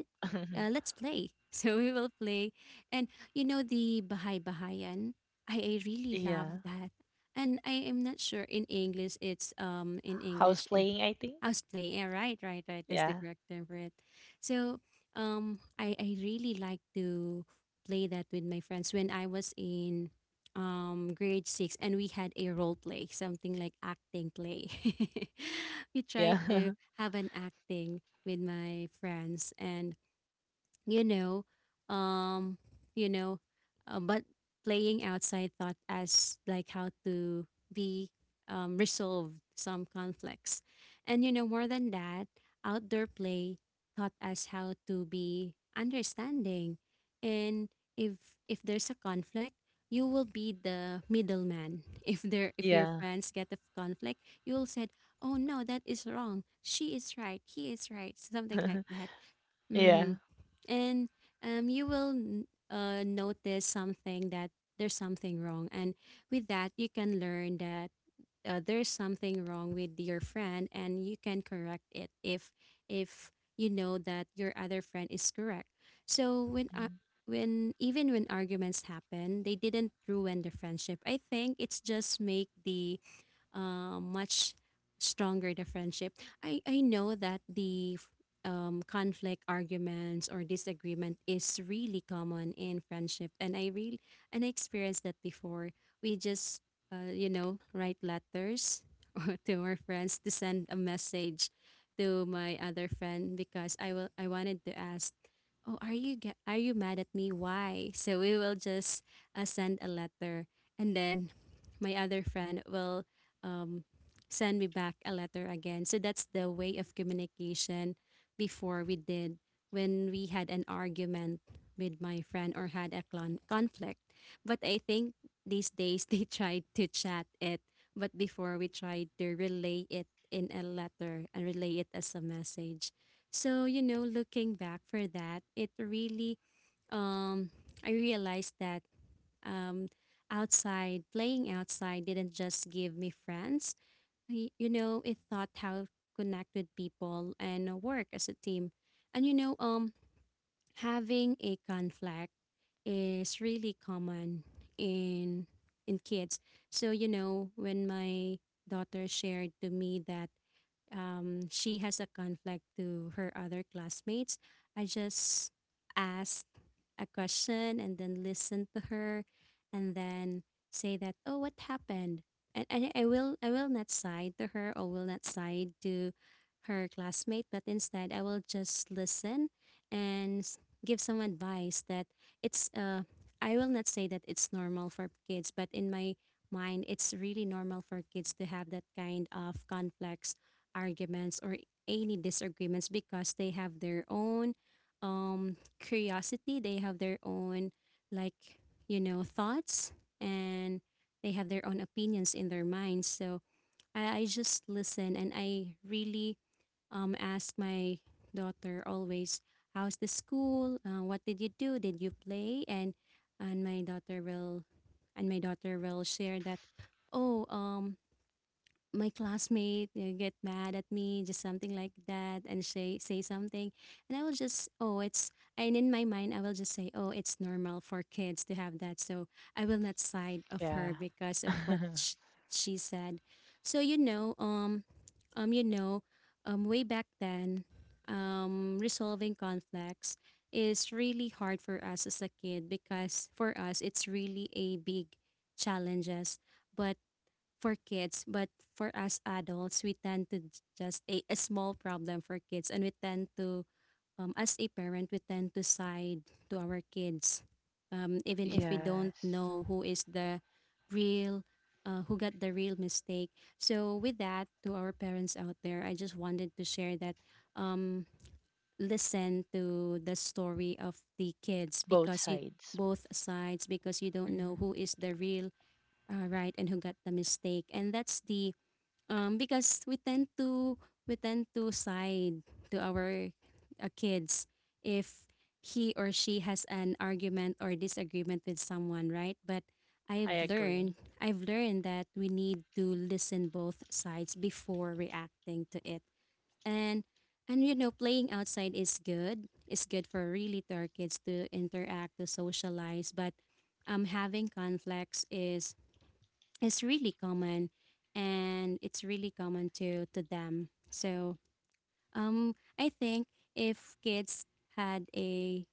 (laughs) let's play." (laughs) So we will play. And you know the Bahay Bahayan, I really Yeah. love that. And I am not sure in English it's in House English playing, I think. Houseplay. Yeah, right, right, right. That's the Yeah. correct term for it. So, I really like to play that with my friends when I was in grade six, and we had a role play, something like acting play. (laughs) We tried Yeah. to (laughs) have an acting with my friends, and you know um you know but playing outside thought as like how to be, resolve some conflicts. And more than that, outdoor play taught us how to be understanding. And if there's a conflict, you will be the middleman. (laughs) If there, if your Yeah. friends get a conflict, you'll said, "Oh no, that is wrong, she is right, he is right," something (laughs) like that. Yeah. Mm-hmm. And you will notice something, that there's something wrong, and with that you can learn that there's something wrong with your friend, and you can correct it if if you know that your other friend is correct. So Mm, when even when arguments happen, they didn't ruin the friendship. I think it's just make the, much stronger the friendship. I know that the conflict, arguments, or disagreement is really common in friendship, and I experienced that before. We just write letters (laughs) or to our friends to send a message to my other friend because I wanted to ask, "Oh, are you are you mad at me? Why?" So we will just send a letter, and then my other friend will, um, send me back a letter again. So that's the way of communication before we did when we had an argument with my friend or had a conflict. But I think these days (laughs) they tried to chat it, but before we tried to relay it in a letter and relay it as a message. So, looking back for that, it really um I realized that, um, playing outside didn't just give me friends. Y- You know, it taught how to connect with people and work as a team. And having a conflict is really common in kids. So you know, when my daughter shared to me that, she has a conflict to her other classmates, I just asked a question and then listen to her, and then say that, "Oh, what happened?" And I will not side to her or will not side to her classmate, but instead I will just listen and give some advice that it's I will not say that it's normal for kids, but in my mind it's really normal for kids to have that kind of complex arguments or any disagreements because they have their own, um curiosity, they have their own, like, thoughts, and they have their own opinions in their minds. So I just listen, and I really, ask my daughter always, how's the school? What did you do? Did you play? And and my daughter will and my daughter will share that, "Oh, my classmate, you know, get mad at me," just something like that, and say something. And I will just, "Oh, it's," and in my mind I will just say, "Oh, it's normal for kids to have that." So I will not side of yeah. her because of what (laughs) she said. So um you know way back then, resolving conflicts is really hard for us as a kid, because for us it's really a big challenges. But for kids, but for us adults, we tend to just a small problem for kids, and we tend to, as a parent, we tend to side to our kids, even if we don't Yes. know real, who got the real mistake. So with that, to our parents out there, I just wanted to share that, um, listen to the story of the kids Both because you sides. both sides, because you don't know Hmm. who is the real, all right, and who got the mistake. And that's the because we tend to, side to our kids if he or she has an argument or disagreement with someone, right? But I I've agree. learned I've learned that we need to listen both sides before reacting to it. And and playing outside is good. It's good for really to our kids to interact, to socialize, but having conflicts is really common, and it's really common to them. So I think if kids had a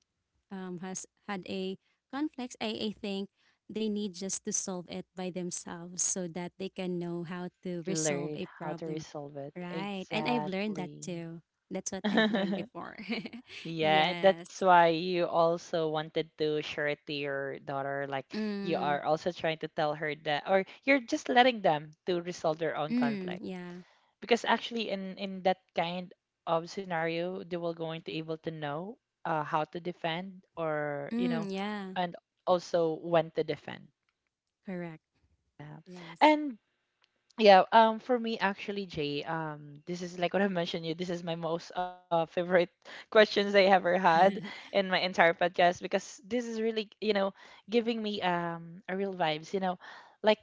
has had a conflict, I think they need just to solve it by themselves so that they can know how to resolve Learn a how to problem, resolve it. right? And I've learned that Exactly. too, that's what I've learned (laughs) before. (laughs) Yeah, Yes. that's why you also wanted to share it to your daughter. Like you Mm, are also trying to tell her that, or you're just letting them to resolve their own mm, conflict. yeah. Because actually, in that kind of scenario, they will going to able to know how to defend, or you know, Mm, yeah. and also when to defend. Correct. Yeah. Yes. And yeah, for me actually, Jay, this is like what I mentioned you. This is my most favorite (laughs) questions I ever had (laughs) in my entire podcast, because this is really, you know, giving me a real vibes. You know, like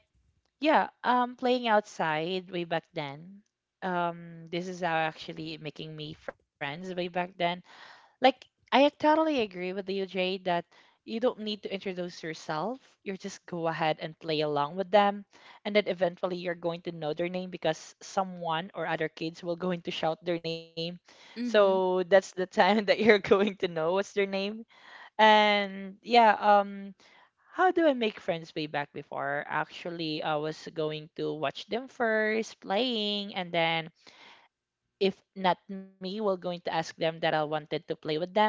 yeah, playing outside way back then. This is how actually making me friends way back then. Like I totally agree with you, Jay, that you don't need to introduce yourself. You just go ahead and play along with them, and then eventually you're going to know their name because someone or other kids will going to shout their name. Mm-hmm. So that's the time (laughs) that you're going to know what's their name. And yeah, how do I make friends way back before? Actually, I was going to watch them first playing, and then if not me, we're going to ask them that I wanted to play with them.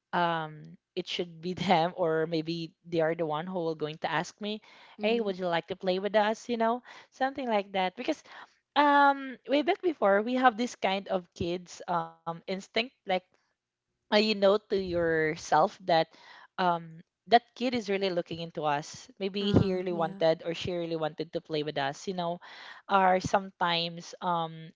It should be (laughs) them, or maybe they are the one who will going to ask me, hey, Mm-hmm. would you like to play with us, something like that. Because way back before, we have this kind of kids instinct, like you know to yourself that um that kid is really looking into us. Maybe he Ah, really yeah. wanted, or she really wanted to play with us, you know. Or sometimes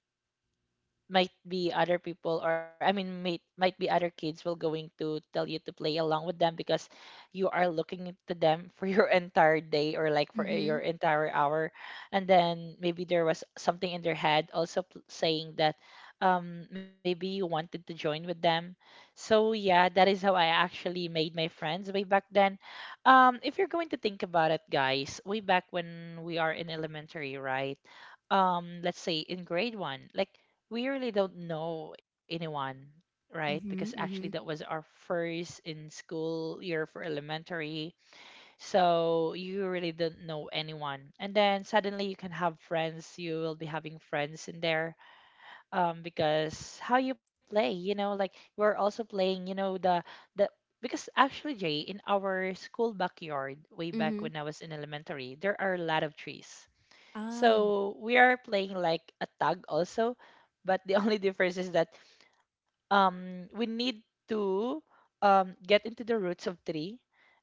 might be other people, or I mean, might be other kids will going to tell you to play along with them, because you are looking to them (laughs) for your entire day, or like for your Mhm. entire hour. And then maybe there was something in their head also saying that maybe you wanted to join with them. So yeah, that is how I actually made my friends way back then. If you're going to think about it, guys, way back when we are in elementary, right? Let's say in grade 1, like, we really don't know anyone, right? Because Mhm. actually, that Mhm. was our first in school year for elementary. So you really don't know anyone. And then suddenly you can have friends. You will be having friends in there, because how you play, you know, like we're also playing, you know, the, because actually, Jay, in our school backyard, way back when I Mhm. was in elementary, there are a lot of trees. Oh. So we are playing like a tag also, but the (laughs) only difference is that we need to get into the roots of tree,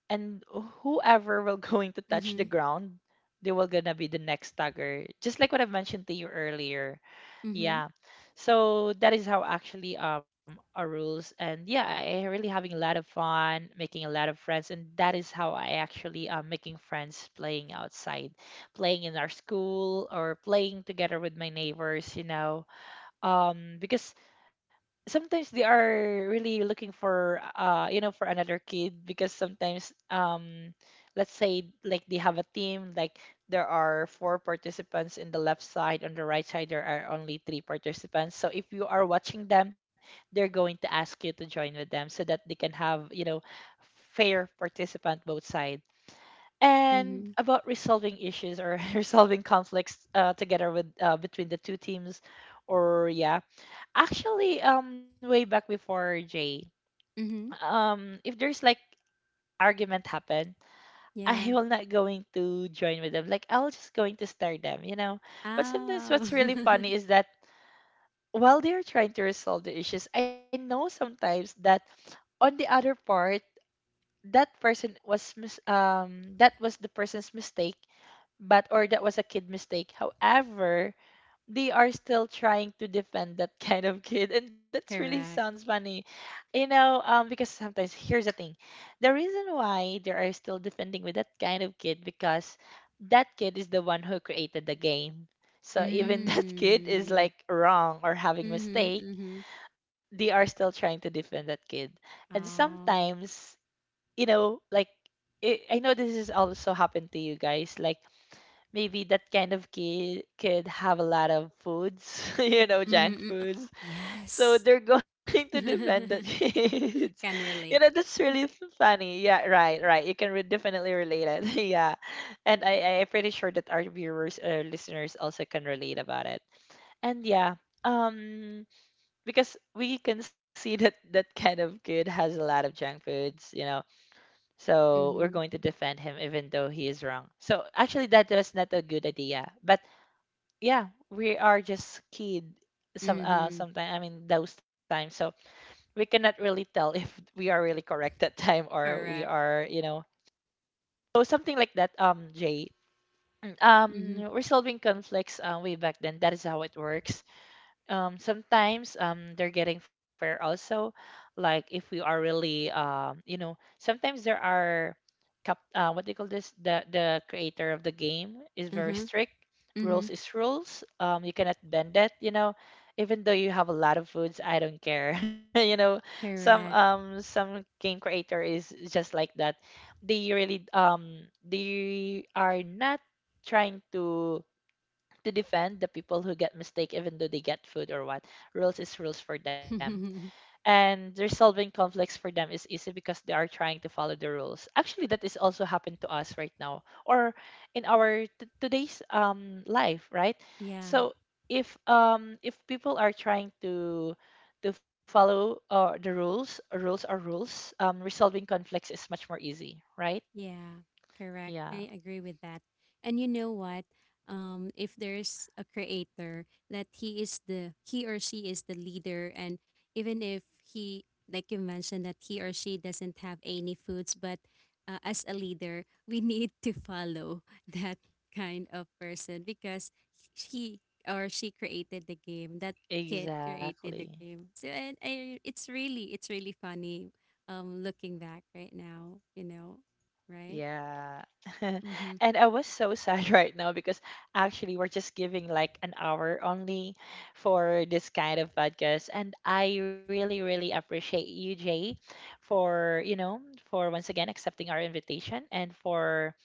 and whoever will (laughs) going to touch the Mhm. ground, they will gonna be the next tagger, just like what I've mentioned to you earlier. Mhm. Yeah. So that is how actually our rules. And yeah, I really having a lot of fun making a lot of friends, and that is how I actually making friends, playing outside, playing in our school, or playing together with my neighbors, you know. Because sometimes they are really looking for you know, for another kid, because sometimes let's say like they have a team, like there are four participants in the left side, on the right side there are only three participants. So if you are watching them, they're going to ask you to join with them so that they can have, you know, fair participant both sides. And Mhm. about resolving issues, or (laughs) resolving conflicts, together with between the two teams. Or yeah, actually, way back before, Jay, Mhm. If there's like argument happen, I Yeah. will not going to join with them, like I'll just going to stare them, you know. But sometimes Oh. what's really (laughs) funny is that while they're trying to resolve the issues, I know sometimes that on the other part, that person was that was the person's mistake, but or that was a kid mistake. However, they are still trying to defend that (laughs) kind of kid, and that's really sounds Correct. funny, you know. Because sometimes here's the thing, the reason why they are still defending with that kind of kid, because that kid is the one who created the game. So even (laughs) that kid is Mm. like wrong or having Mhm. mistake, Mhm. they are still trying to defend that kid. And Oh. sometimes, you know, like. I know this is also happened to you guys. Like maybe that kind of kid could have a lot of foods, (laughs) you know, junk Mhm. Mm. foods. So Yes. they're (laughs) going to defend the (laughs) (laughs) kids. Can You know, relate. that's really funny. Yeah, right, right. You can definitely relate it. (laughs) Yeah. And I'm pretty sure that our viewers or listeners also can relate about it. And yeah. Um, because we can see that that kind of kid has a lot of junk foods, you know, so we're Mhm. going to defend him even though he is wrong. So actually that was not a good idea. But yeah, we are just kid. Some Mhm. sometime, I mean, those times. So we cannot really tell if we are really correct that time, or we Correct. are, you know. So something like that, Jay. (clears throat) Mhm. Resolving conflicts way back then, that is how it works. Sometimes they're getting fair also, like if we are really you know, sometimes there are cap what do you call this, the creator of the game is very Uh-huh. strict. Rules Mhm. is rules. You cannot bend it, you know, even though you have a lot of foods, I don't care, (laughs) you know. Some Correct. Some game creator is just like that. They really they are not trying to defend the people who get mistake, even though they get food or what. Rules is rules for them. (laughs) And resolving conflicts for them is easy because they are trying to follow the rules. Actually, that is also happened to us right now, or in our today's life, right? Yeah. So if people are trying to follow the rules, rules are rules. Resolving conflicts is much more easy, right? Yeah, correct. I Yeah, agree with that. And you know what? If there's a creator that he or she is the leader, and even if he, like you mentioned, that he or she doesn't have any foods, but as a leader, we (laughs) need to follow (laughs) that kind of person because he or she created the game. That kid created the exactly. game. So and it's really funny. Looking back right now, you know, right? Yeah. (laughs) Mm-hmm. And I was so sad (laughs) right now because actually we're just giving like an hour only for this kind of podcast. And I really, really appreciate you, Jay, for, you know, for once again accepting our invitation, and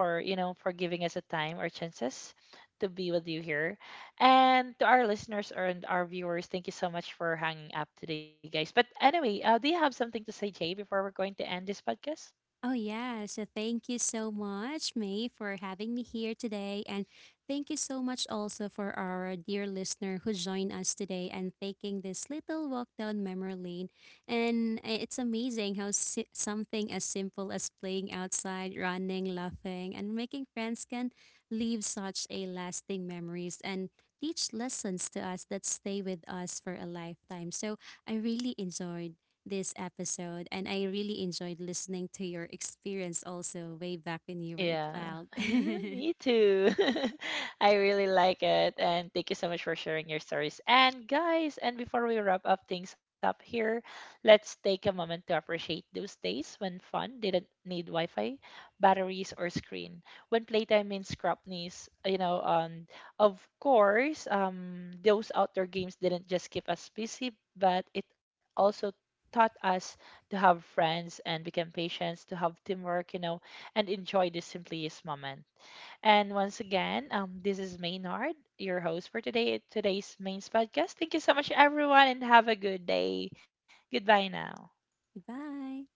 for, you know, for giving us a time or chances to be with you here. And to our listeners and our viewers, thank you so much for hanging up today, guys. But anyway, do you have something to say, Jay, before we're going to end this podcast? Oh, yeah. So thank you so much, May, for having me here today. And thank you so much also for our dear listener who joined us today and taking this little walk down memory lane. And it's amazing how something as simple as playing outside, running, laughing, and making friends can leave such a lasting memories and teach lessons to us that stay with us for a lifetime. So I really enjoyed this episode, and I really enjoyed listening to your experience also way back when you were a Yeah, child. (laughs) (laughs) me too. (laughs) I really like it. And thank you so much for sharing your stories. And guys, and before we wrap up things up here, let's take a moment to appreciate those days when fun didn't need Wi Fi, batteries, or screen. When playtime means scrapneys, you know, and of course, those outdoor games didn't just keep us busy, but it also taught us to have friends, and become patients, to have teamwork, you know, and enjoy this simplest moment. And once again, this is Maynard, your host for today's main podcast. Thank you so much, everyone, and have a good day. Goodbye now. Bye.